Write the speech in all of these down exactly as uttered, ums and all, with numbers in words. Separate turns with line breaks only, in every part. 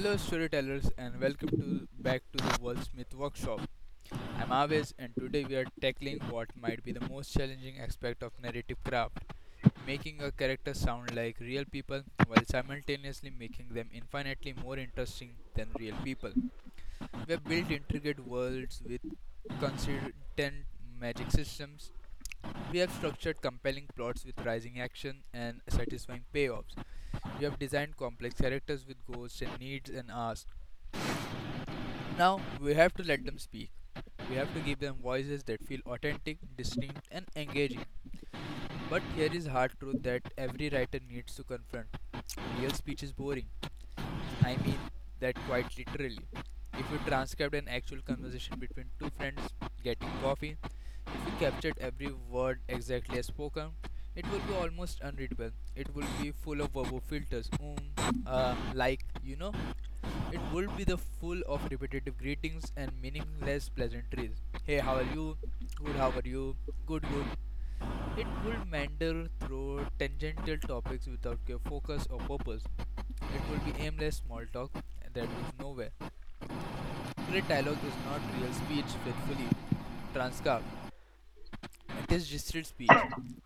Hello, storytellers, and welcome to back to the Wordsmith Workshop. I'm Aves, and today we are tackling what might be the most challenging aspect of narrative craft: making a character sound like real people while simultaneously making them infinitely more interesting than real people. We have built intricate worlds with consistent magic systems. We have structured compelling plots with rising action and satisfying payoffs. We have designed complex characters with goals and needs and asks. Now we have to let them speak. We have to give them voices that feel authentic, distinct, and engaging. But here is hard truth that every writer needs to confront. Real speech is boring. I mean that quite literally. If you transcribed an actual conversation between two friends getting coffee, if you captured every word exactly as spoken, it will be almost unreadable. It will be full of verbal filters. Um, uh, like, you know. It would be the full of repetitive greetings and meaningless pleasantries. Hey, how are you? Good, how are you? Good, good. It would meander through tangential topics without clear focus or purpose. It will be aimless small talk that goes nowhere. Great dialogue is not real speech faithfully transcribed. It is distilled speech.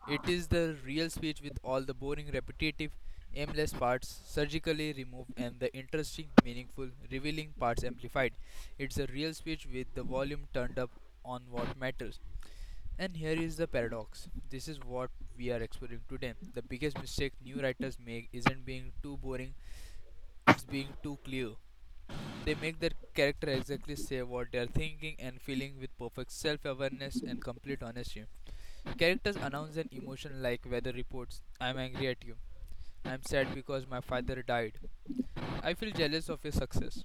It is the real speech with all the boring, repetitive, aimless parts surgically removed and the interesting, meaningful, revealing parts amplified. It's a real speech with the volume turned up on what matters. And here is the paradox. This is what we are exploring today. The biggest mistake new writers make isn't being too boring, it's being too clear. They make their character exactly say what they are thinking and feeling with perfect self awareness and complete honesty. Characters announce an emotion like weather reports: I'm angry at you. I'm sad because my father died. I feel jealous of your success.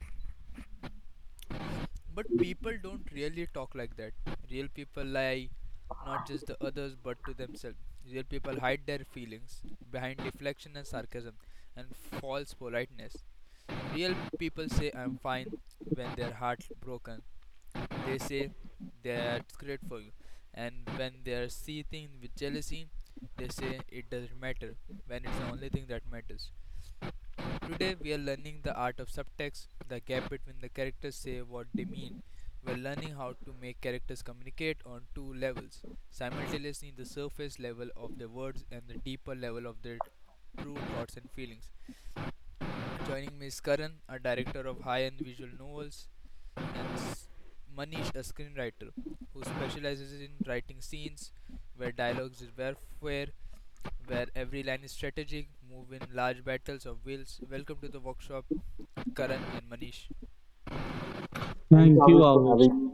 But people don't really talk like that. Real people lie not just to others but to themselves. Real people hide their feelings behind deflection and sarcasm and false politeness. Real people say I'm fine when their heart broken. They say they are great for you. And when they are seething with jealousy, they say it doesn't matter when it's the only thing that matters. Today we are learning the art of subtext, the gap between the characters say what they mean. We are learning how to make characters communicate on two levels, simultaneously the surface level of their words and the deeper level of their true thoughts and feelings. Joining me is Karan, a director of high-end visual novels, and S- Manish, a screenwriter who specializes in writing scenes where dialogues is warfare, where every line is strategic, move in large battles of wills. Welcome to the workshop, Karan and Manish.
Thanks,
Thank you,
Abhi, for
Avish.
having. me.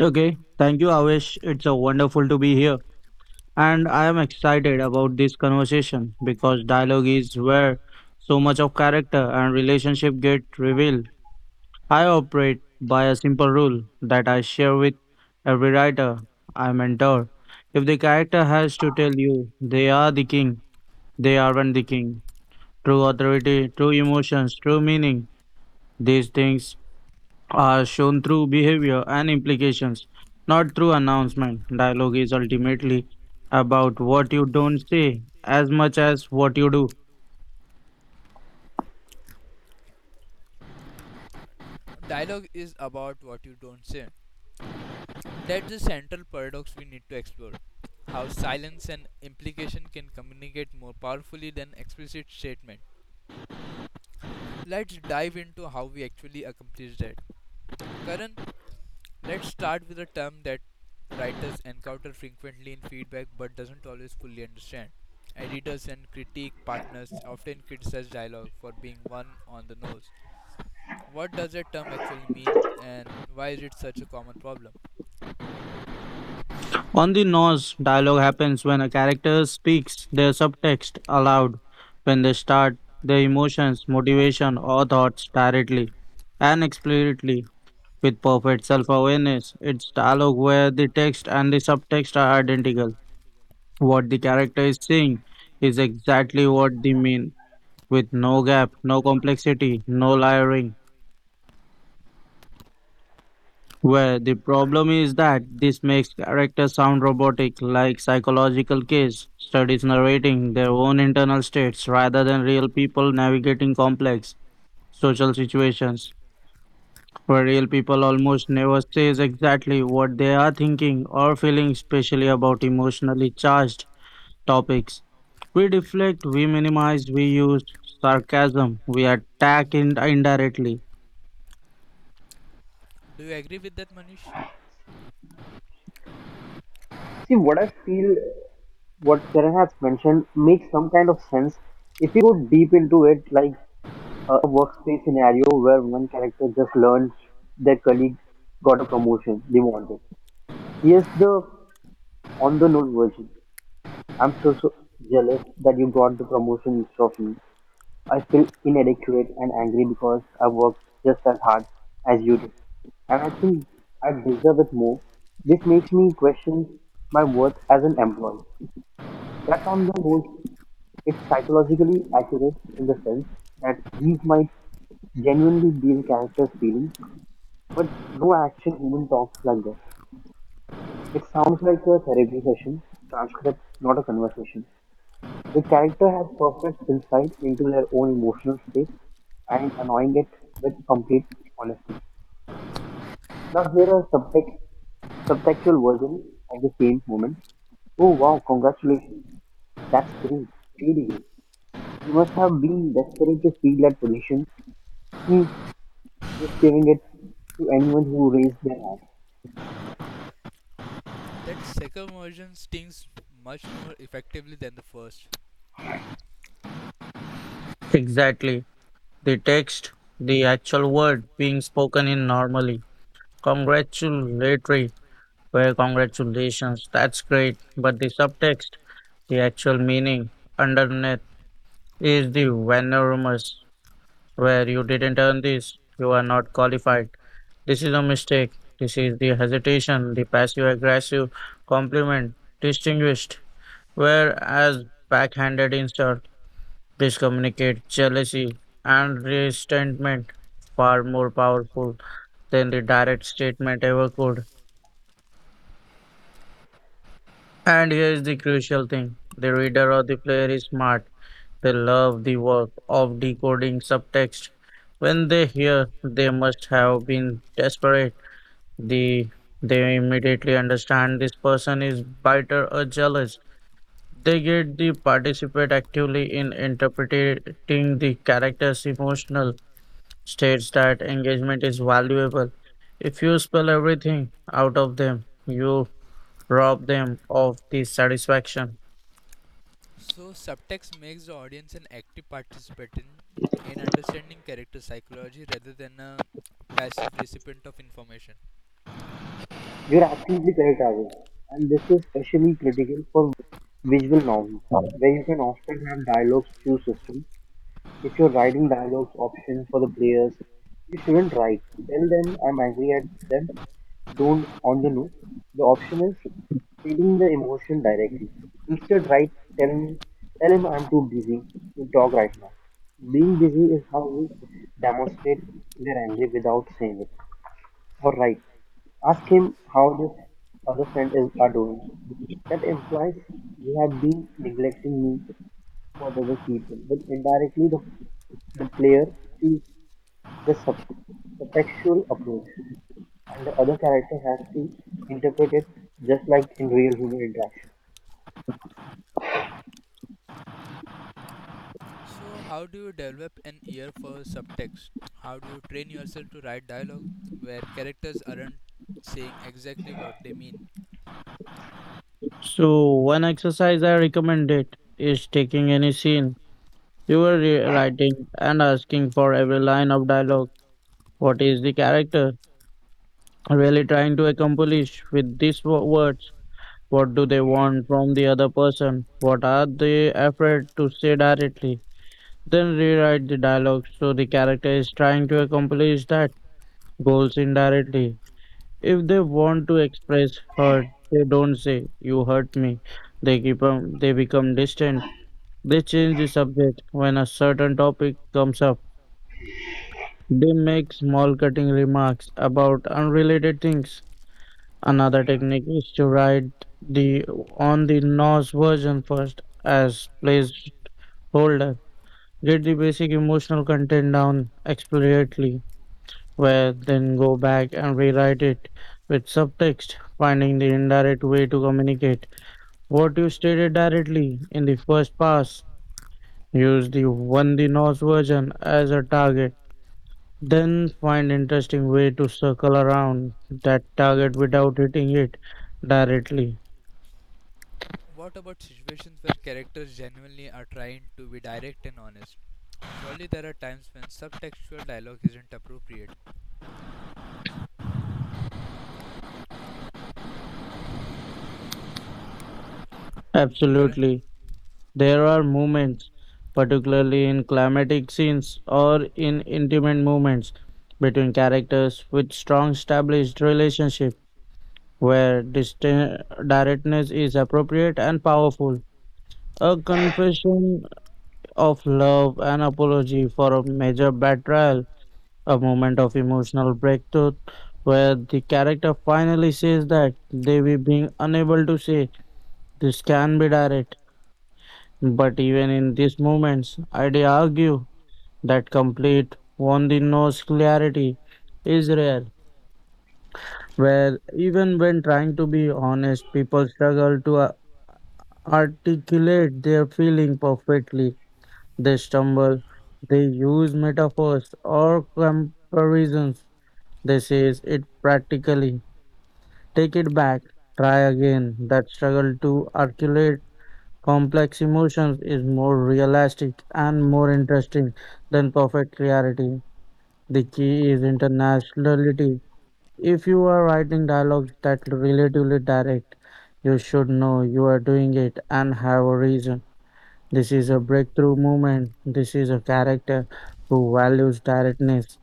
Okay. Thank you, Avish. It's a wonderful to be here. And I am excited about this conversation because dialogue is where so much of character and relationship get revealed. I operate by a simple rule that I share with every writer I mentor. If the character has to tell you they are the king, they aren't the king. True authority, true emotions, true meaning. These things are shown through behavior and implications, not through announcement. Dialogue is ultimately about what you don't say as much as what you do.
Dialogue is about what you don't say. That's the central paradox we need to explore. How silence and implication can communicate more powerfully than explicit statement. Let's dive into how we actually accomplish that. Karan, let's start with a term that writers encounter frequently in feedback but doesn't always fully understand. Editors and critique partners often criticize dialogue for being one on the nose. What does that term actually mean and why is it such a common problem?
On the nose, dialogue happens when a character speaks their subtext aloud, when they start their emotions, motivation, or thoughts directly and explicitly with perfect self awareness. It's dialogue where the text and the subtext are identical. What the character is saying is exactly what they mean with no gap, no complexity, no layering. Where the problem is that this makes characters sound robotic, like psychological case studies narrating their own internal states rather than real people navigating complex social situations. Where real people almost never says exactly what they are thinking or feeling, especially about emotionally charged topics. We deflect, we minimize, we use sarcasm, we attack in- indirectly.
Do you agree with that, Manish?
See, what I feel, what Karan has mentioned makes some kind of sense. If you go deep into it, like uh, imagine a workspace scenario where one character just learns their colleague got a promotion they wanted. Here's the on the nose version. I'm so so jealous that you got the promotion instead of me. I feel inadequate and angry because I worked just as hard as you did, and I think I deserve it more. This makes me question my worth as an employee. That's on the whole, it's psychologically accurate in the sense that these might genuinely be the character's feelings, but no action human talks like this. It sounds like a therapy session transcript, not a conversation. The character has perfect insight into their own emotional state and annoying it with complete honesty. Now here are subtext, subtextual versions of the same moment. Oh wow, congratulations. That's great. Really great. You must have been desperate to feel that position. Hmm. Just giving it to anyone who raised their hand.
That second version stings much more effectively than the first.
Exactly. The text the actual word being spoken in normally. Congratulatory were congratulations. That's great. But the subtext, the actual meaning underneath is the venomous where you didn't earn this. You are not qualified. This is a mistake. This is the hesitation, the passive aggressive compliment, distinguished. Whereas backhanded insult, this communicates jealousy and resentment far more powerful than the direct statement ever could. And here is the crucial thing the reader or the player is smart. They love the work of decoding subtext. When they hear, they must have been desperate. The, they immediately understand this person is bitter or jealous. They get the participate actively in interpreting the character's emotional states that engagement is valuable. If you spell everything out of them, you rob them of this satisfaction.
So, subtext makes the audience an active participant in understanding character psychology rather than a passive recipient of information.
You're absolutely correct, Avi. And this is especially critical for visual novels, where you can often have dialogue through systems. If you're writing dialogues option for the players, you shouldn't write "Tell them I'm angry at them, don't" on the note. The option is feeling the emotion directly. Instead, write "Tell me, tell him I'm too busy to talk right now." Being busy is how we demonstrate we're angry without saying it. Or write, ask him how the other friend is are doing. That implies you have been neglecting me for the other people, but indirectly the, the player feels the sub- subtextual approach, and the other character has to interpret it just like in real human interaction.
So, how do you develop an ear for subtext? How do you train yourself to write dialogue where characters aren't saying exactly what they mean?
So, one exercise I recommend it is taking any scene you were re- writing and asking for every line of dialogue. What is the character really trying to accomplish with these wo- words? What do they want from the other person? What are they afraid to say directly? Then rewrite the dialogue so the character is trying to accomplish that goals indirectly. If they want to express hurt, they don't say, You hurt me. They, keep, um, they become distant. They change the subject when a certain topic comes up. They make small cutting remarks about unrelated things. Another technique is to write the on the N O S version first as placeholder. Get the basic emotional content down explicitly where then go back and rewrite it with subtext, finding the indirect way to communicate. What you stated directly in the first pass, use the one the Norse version as a target, then find interesting way to circle around that target without hitting it directly.
What about situations where characters genuinely are trying to be direct and honest? Surely there are times when subtextual dialogue isn't appropriate. Current.
Absolutely. There are moments, particularly in climatic scenes or in intimate moments between characters with strong established relationship where distin- directness is appropriate and powerful. A confession of love, an apology for a major betrayal, a moment of emotional breakthrough where the character finally says that they were being unable to say this can be direct. But even in these moments, I'd argue that complete on the nose clarity is rare, where even when trying to be honest, people struggle to articulate their feeling perfectly. They stumble, they use metaphors or comparisons. They say it practically. Take it back, try again. That struggle to articulate complex emotions is more realistic and more interesting than perfect clarity. The key is internationality. If you are writing dialogues that relatively direct, you should know you are doing it and have a reason. This is a breakthrough moment. This is a character who values directness.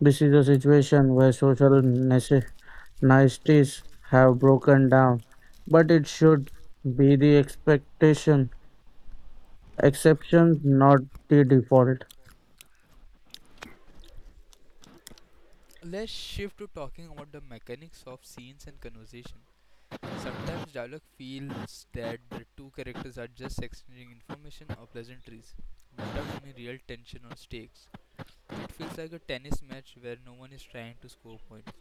This is a situation where social nece- niceties have broken down, but it should be the expectation, exception, not the default.
Let's shift to talking about the mechanics of scenes and conversation. Sometimes dialogue feels that the two characters are just exchanging information or pleasantries without any real tension or stakes. It feels like a tennis match where no one is trying to score points.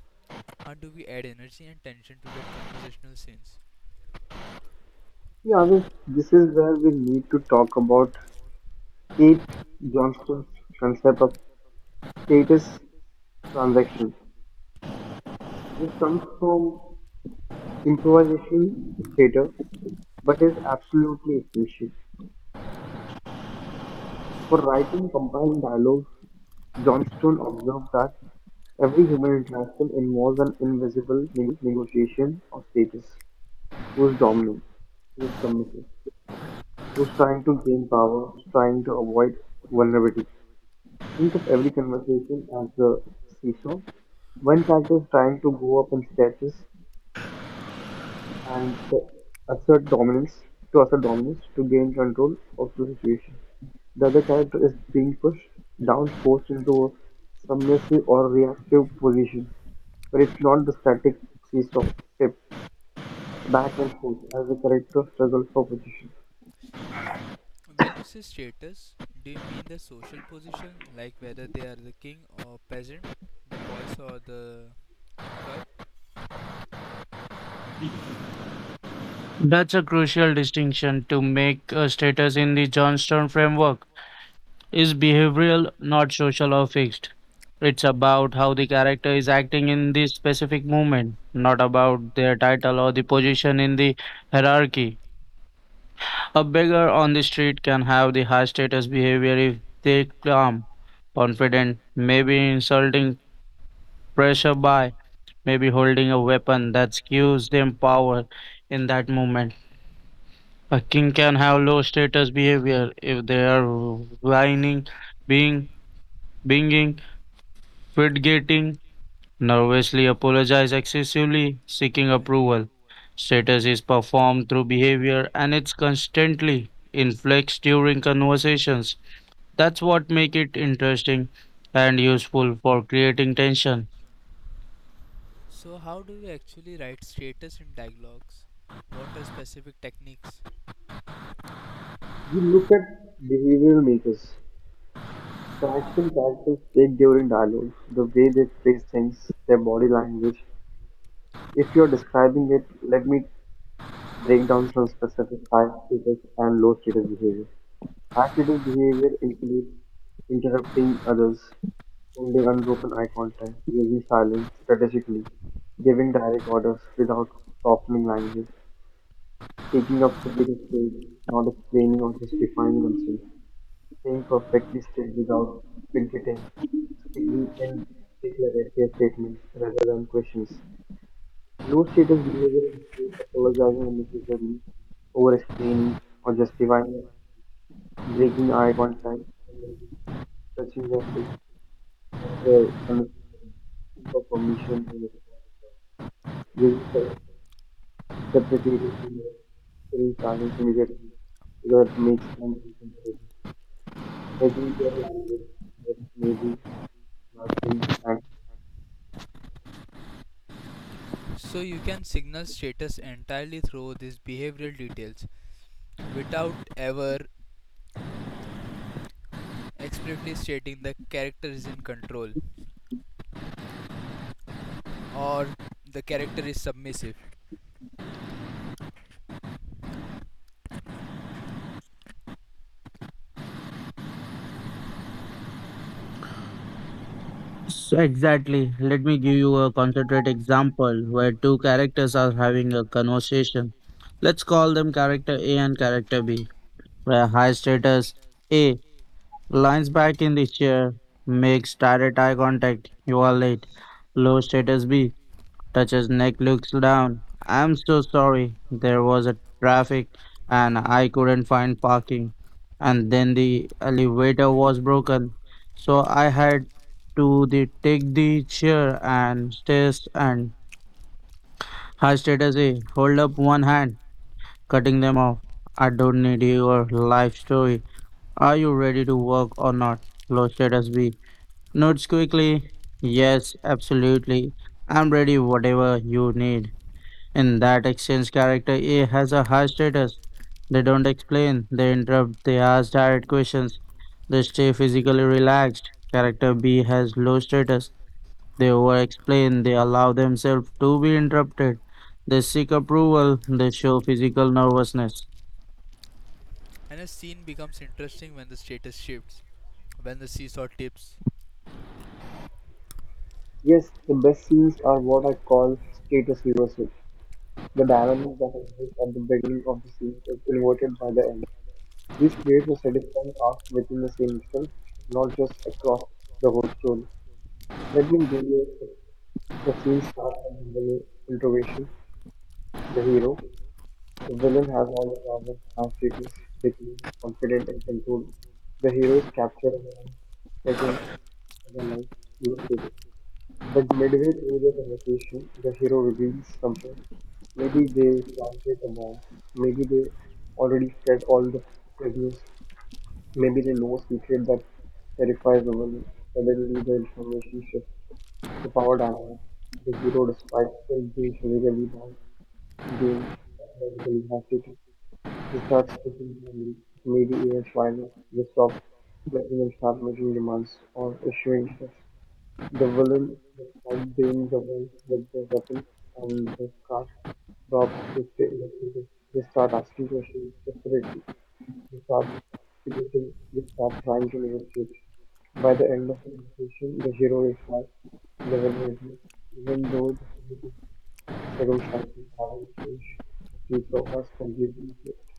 How do we add energy and tension to that conversational scenes?
Yeah, well, this is where we need to talk about Kate Johnston's concept of status transaction, which comes from improvisation theater but is absolutely essential for writing compelling dialogue. Johnston observed that every human interaction involves an invisible negotiation of status: who's dominant, who's submissive, who's trying to gain power, who's trying to avoid vulnerability. Think of every conversation as a seesaw. One character is trying to go up in status and to assert dominance, to assert dominance, to gain control of the situation. The other character is being pushed down, forced into a submissive or reactive position, but it's not the static seesaw tip back and forth as the character struggles for position.
When you say status, do you mean the social position, like whether they are the king or peasant, the boss or the employee?
That's a crucial distinction to make a status in the Johnstone framework. Is behavioral, not social or fixed. It's about how the character is acting in this specific moment, not about their title or the position in the hierarchy. A beggar on the street can have the high status behavior if they calm, confident, maybe insulting pressure by, maybe holding a weapon that gives them power in that moment. A king can have low status behavior if they are whining, being, being Fidgeting, nervously apologize excessively, seeking approval. Status is performed through behavior and it's constantly inflects during conversations. That's what make it interesting and useful for creating tension.
So, how do we actually write status in dialogues? What are specific techniques?
We look at behavioral makers, the action characters take during dialogue, the way they phrase things, their body language. If you're describing it, let me break down some specific high status and low status behavior. High status behavior includes interrupting others, holding unbroken eye contact, using silence strategically, giving direct orders without softening language, taking up to be the stage, not explaining or justifying themselves, staying perfectly still without fidgeting, speaking and declarative statements rather than questions. Low status behavior includes apologizing unnecessarily, over explaining or justifying, breaking eye contact, touching their face or hair unnecessarily, asking for permission unnecessarily, using self deprecating humor, filling silence immediately because it makes them uncomfortable, hedging their language, like maybe, nothing, and
So you can signal status entirely through these behavioral details without ever explicitly stating the character is in control or the character is submissive.
So exactly. Let me give you a concentrate example where two characters are having a conversation. Let's call them character A and character B, where high status A Lines back in the chair, makes direct eye contact. You are late. Low status B touches neck, looks down. I'm so sorry. There was a traffic and I couldn't find parking. And then the elevator was broken. So I had to the take the chair and stairs and high status A. Hold up one hand, cutting them off. I don't need your life story. Are you ready to work or not? Low status B Notes quickly. Yes, absolutely. I'm ready, whatever you need. In that exchange, character A has a high status. They don't explain, they interrupt, they ask direct questions. They stay physically relaxed. Character B has low status. They over explain, they allow themselves to be interrupted. They seek approval, they show physical nervousness.
And a scene becomes interesting when the status shifts, when the seesaw tips.
yes, the best scenes are what I call status reversal. The dynamic that exists at the beginning of the scene is inverted by the end. This creates a satisfying arc within the scene itself, not just across the whole story. Let me give you the scene starts with the villain introduction, the hero. The villain has all the power has status, becoming confident and control. The hero is captured and taken as a life. But midway through the conversation, the hero reveals something. Maybe they planted a bomb. Maybe they already fed all the prisoners. Maybe they know a secret that terrifies the world. Suddenly, the information shifts the power dynamic. The hero, despite still being physically bound, gains psychologically capacity. They start speaking calmly, maybe even smiling. They stop letting and start making demands or issuing threats. The villain is described being the one with the weapon and the cast drop investigators. They start asking questions desperately. They start debating. They start trying to negotiate. By the end of the investigation, the hero is high and the villain is low. Even though the physical circumstances haven't changed, the seesaw has completely flipped.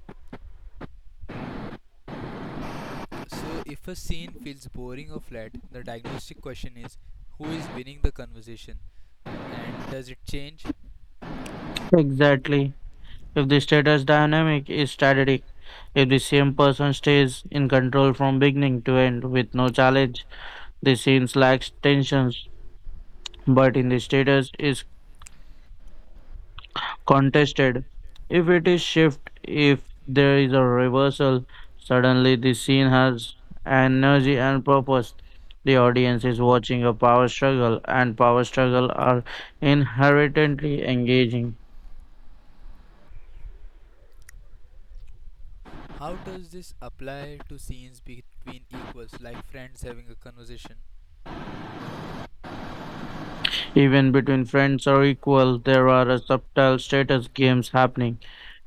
So if a scene feels boring or flat, the diagnostic question is who is winning the conversation and does it change?
Exactly. If the status dynamic is static, if the same person stays in control from beginning to end with no challenge, the scene lacks tensions. But in the status is contested. If it is shift, if there is a reversal, suddenly the scene has energy and purpose. The audience is watching a power struggle, and power struggle are inherently engaging.
How does this apply to scenes between equals like friends having a conversation?
Even between friends or equal, there are a subtle status games happening.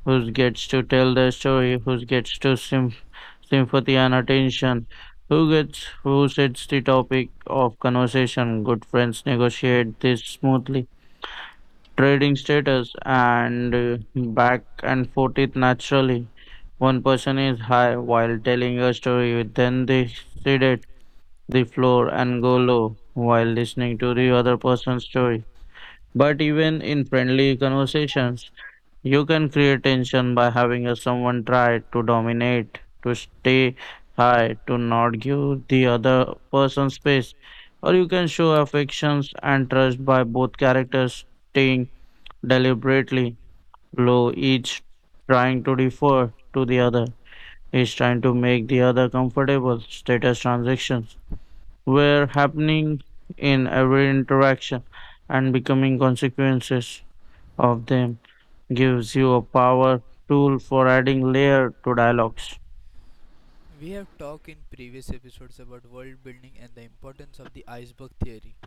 Who gets to tell their story? Who gets to sym- sympathy and attention? Who gets who sets the topic of conversation? Good friends negotiate this smoothly, trading status and uh, back and forth it naturally. One person is high while telling a story, then they sedate the floor and go low while listening to the other person's story. But even in friendly conversations, you can create tension by having a someone try to dominate, to stay high, to not give the other person space. Or you can show affections and trust by both characters staying deliberately low, each trying to defer to the other, each trying to make the other comfortable. Status transactions were happening in every interaction and becoming consequences of them gives you a power tool for adding layer to dialogues.
We have talked in previous episodes about world building and the importance of the iceberg theory,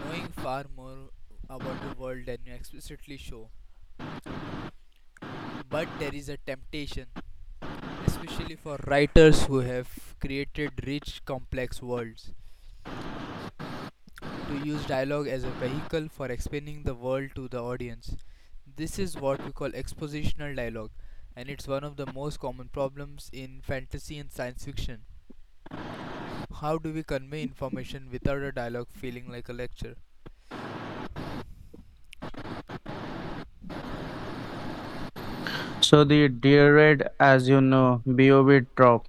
knowing far more about the world than we explicitly show. But there is a temptation, especially for writers who have created rich, complex worlds, to use dialogue as a vehicle for explaining the world to the audience. This is what we call expositional dialogue, and it's one of the most common problems in fantasy and science fiction. How do we convey information without a dialogue feeling like a lecture?
So the derade, as you know, BOB drop.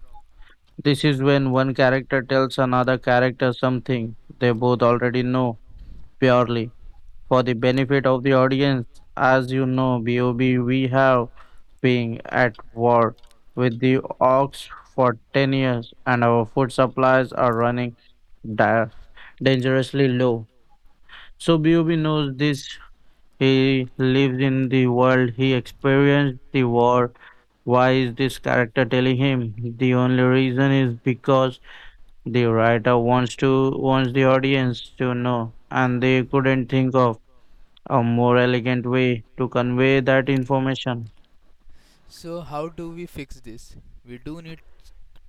This is when one character tells another character something they both already know purely for the benefit of the audience. As you know, BOB we have been at war with the Orcs for ten years and our food supplies are running da- dangerously low. So BOB knows this He lives in the world he experienced the war. Why is this character telling him? The only reason is because the writer wants to wants the audience to know, and they couldn't think of a more elegant way to convey that information.
So, how do we fix this? We do need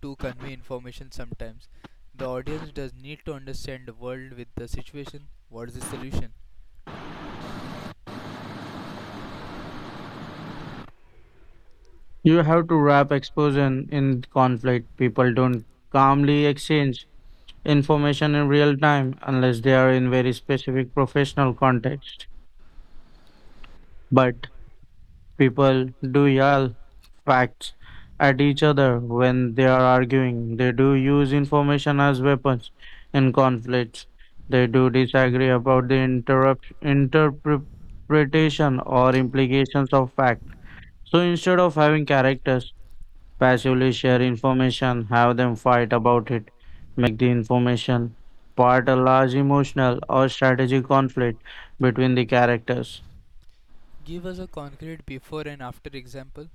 to convey information sometimes. The audience does need to understand the world with the situation. What is the solution?
You have to wrap exposition in conflict. People don't calmly exchange information in real time unless they are in very specific professional context. But People do yell facts at each other when they are arguing. They do use information as weapons in conflicts. They do disagree about the interrupt, interpretation or implications of fact. So instead of having characters passively share information, have them fight about it, make the information part a large emotional or strategic conflict between the characters.
Give us a concrete before and after example.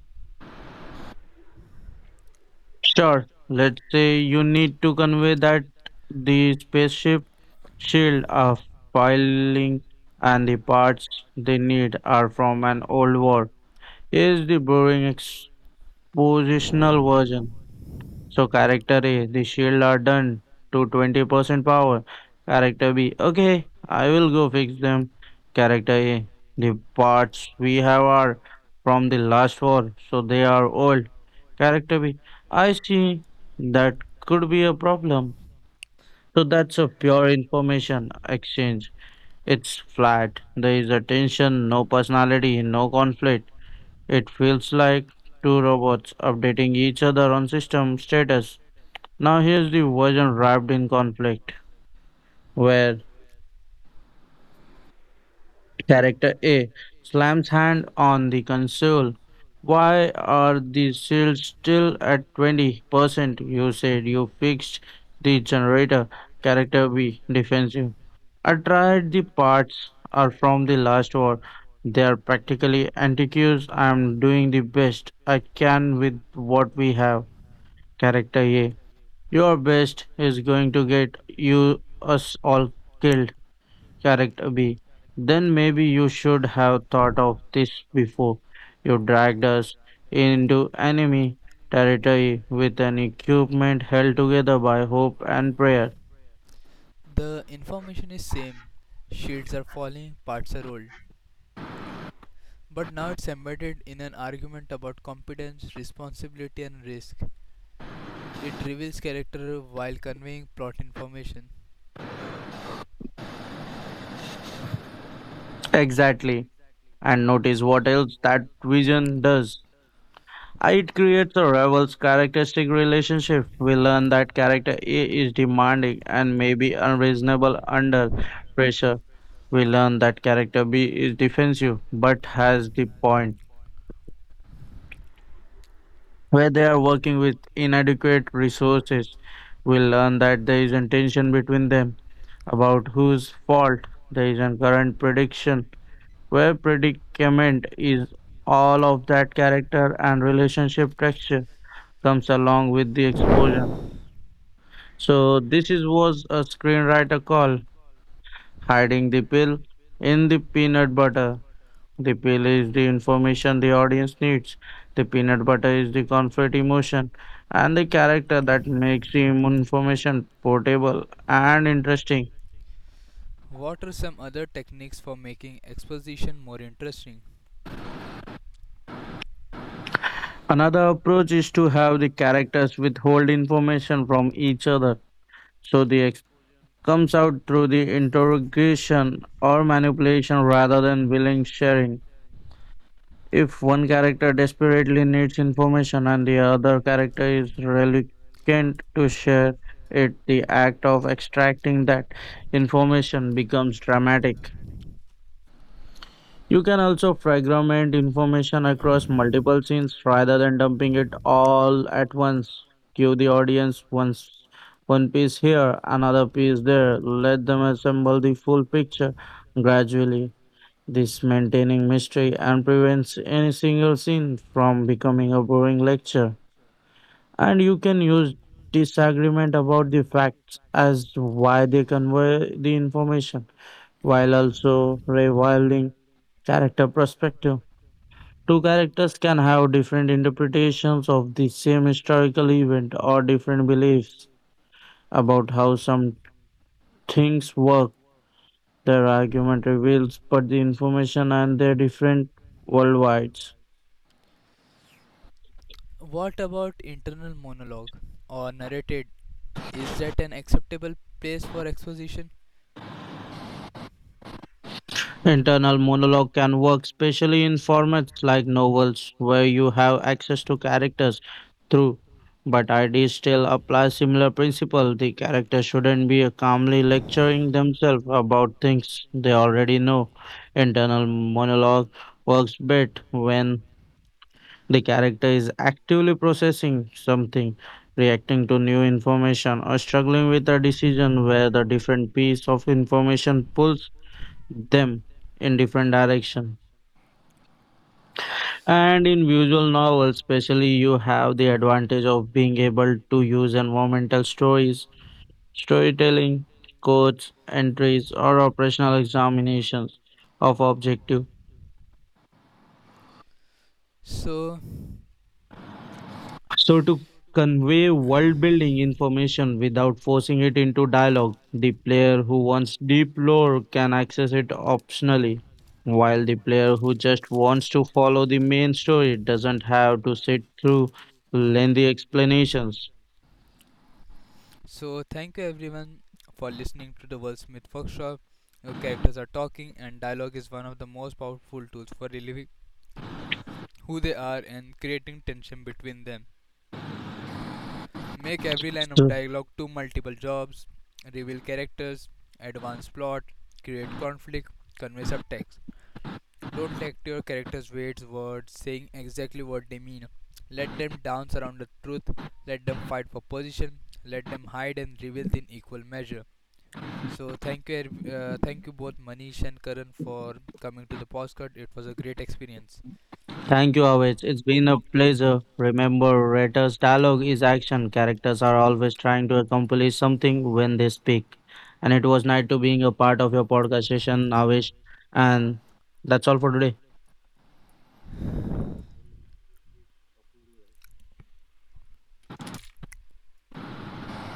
Sure. Let's say you need to convey that the spaceship shield are filing and the parts they need are from an old war. Is the boring expositional version. So character A, the shield are done to twenty percent power. Character B, okay, I will go fix them. Character A, the parts we have are from the last war, so they are old. Character B, I see that could be a problem. So that's a pure information exchange. It's flat. There is a tension, no personality, no conflict. It feels like two robots updating each other on system status. Now here's the version wrapped in conflict, where character A slams hand on the console. Why are the shields still at twenty percent? You said you fixed the generator. Character B defends you. I tried the parts are from the last war. They are practically antiques. I'm doing the best I can with what we have. Character A. Your best is going to get you us all killed. Correct, Abhi. Then maybe you should have thought of this before you dragged us into enemy territory with an equipment held together by hope and prayer.
The information is same. Shields are falling, parts are old. But now it's embedded in an argument about competence, responsibility, and risk. It reveals character while conveying plot information.
Exactly. And notice what else that vision does. It creates a rival's characteristic relationship. We learn that character A is demanding and maybe unreasonable under pressure. We learn that character B is defensive but has the point. Where they are working with inadequate resources. We learn that there is a tension between them about whose fault there is a current prediction, where predicament is all of that character and relationship texture comes along with the exposure. So this is was a screenwriter call hiding the pill in the peanut butter. The pill is the information the audience needs. The peanut butter is the comfort emotion and the character that makes the information portable and interesting.
What are some other techniques for making exposition more interesting?
Another approach is to have the characters withhold information from each other so the exposure comes out through the interrogation or manipulation rather than willing sharing. If one character desperately needs information and the other character is reluctant to share it, the act of extracting that information becomes dramatic. You can also fragment information across multiple scenes rather than dumping it all at once. Give the audience once one piece here, another piece there. Let them assemble the full picture gradually. This maintaining mystery and prevents any single scene from becoming a boring lecture. And you can use disagreement about the facts as why they convey the information, while also revealing character perspective. Two characters can have different interpretations of the same historical event or different beliefs about how some things work. Their argument reveals but the information and their different worldwide.
What about internal monologue or narrated? Is that an acceptable place for exposition?
Internal monologue can work, especially in formats like novels where you have access to characters through. But ideas still apply similar principle. The character shouldn't be calmly lecturing themselves about things they already know. Internal monologue works best when the character is actively processing something, reacting to new information, or struggling with a decision where the different piece of information pulls them in different direction and in visual novels especially you have the advantage of being able to use environmental stories storytelling quotes entries or operational examinations of objective
So,
So, to convey world building information without forcing it into dialogue, the player who wants deep lore can access it optionally, while the player who just wants to follow the main story doesn't have to sit through lengthy explanations.
So, thank you everyone for listening to the Wordsmith Workshop. Your characters are talking, and dialogue is one of the most powerful tools for relieving who they are and creating tension between them. Make every line of dialogue do multiple jobs, reveal characters, advance plot, create conflict, convey subtext. Don't let your characters waste words saying exactly what they mean. Let them dance around the truth, let them fight for position, let them hide and reveal in equal measure. So thank you, every- uh, thank you both Manish and Karan for coming to the podcast. It was a great experience.
Thank you, Avich. It's been a pleasure. Remember, writers' dialogue is action. Characters are always trying to accomplish something when they speak. And it was nice to being a part of your podcast session, Avish. And that's all for today.